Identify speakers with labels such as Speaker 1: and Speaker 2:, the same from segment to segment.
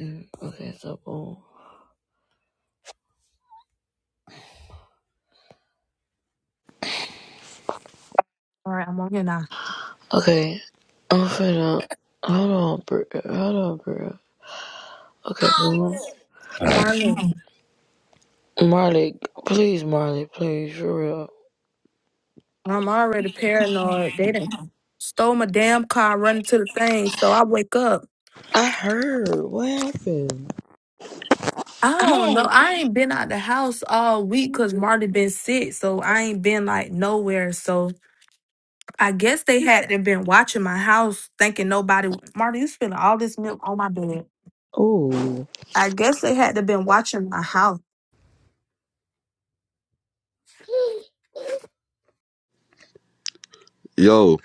Speaker 1: Mm, Okay, so boom.
Speaker 2: All right, I'm on here now.
Speaker 1: Okay, I'm finna. Hold on, bro. Hold on, bro. Okay, Bruno.
Speaker 2: I'm already,
Speaker 1: Marley, please, Marley, please, for real.
Speaker 2: I'm already paranoid. They done stole my damn car, run to the thing. So I wake up.
Speaker 1: I heard. What happened?
Speaker 2: I don't know. I ain't been out the house all week because Marty been sick. So I ain't been like nowhere. So I guess they had to been watching my house thinking nobody. Marty, you spilling all this milk on my bed.
Speaker 1: Oh.
Speaker 2: I guess they had to been watching my house.
Speaker 3: Yo,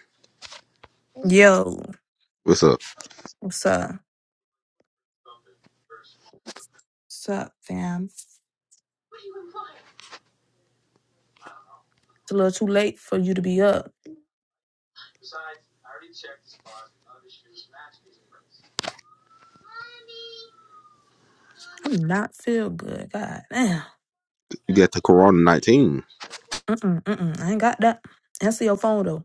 Speaker 2: Yo,
Speaker 3: what's up?
Speaker 2: what's up? What's up, fam? It's a little too late for you to be up. I'm not feel good. God damn.
Speaker 3: You got the Corona 19.
Speaker 2: Mm-mm, mm-mm. I ain't got that. Answer your phone, though.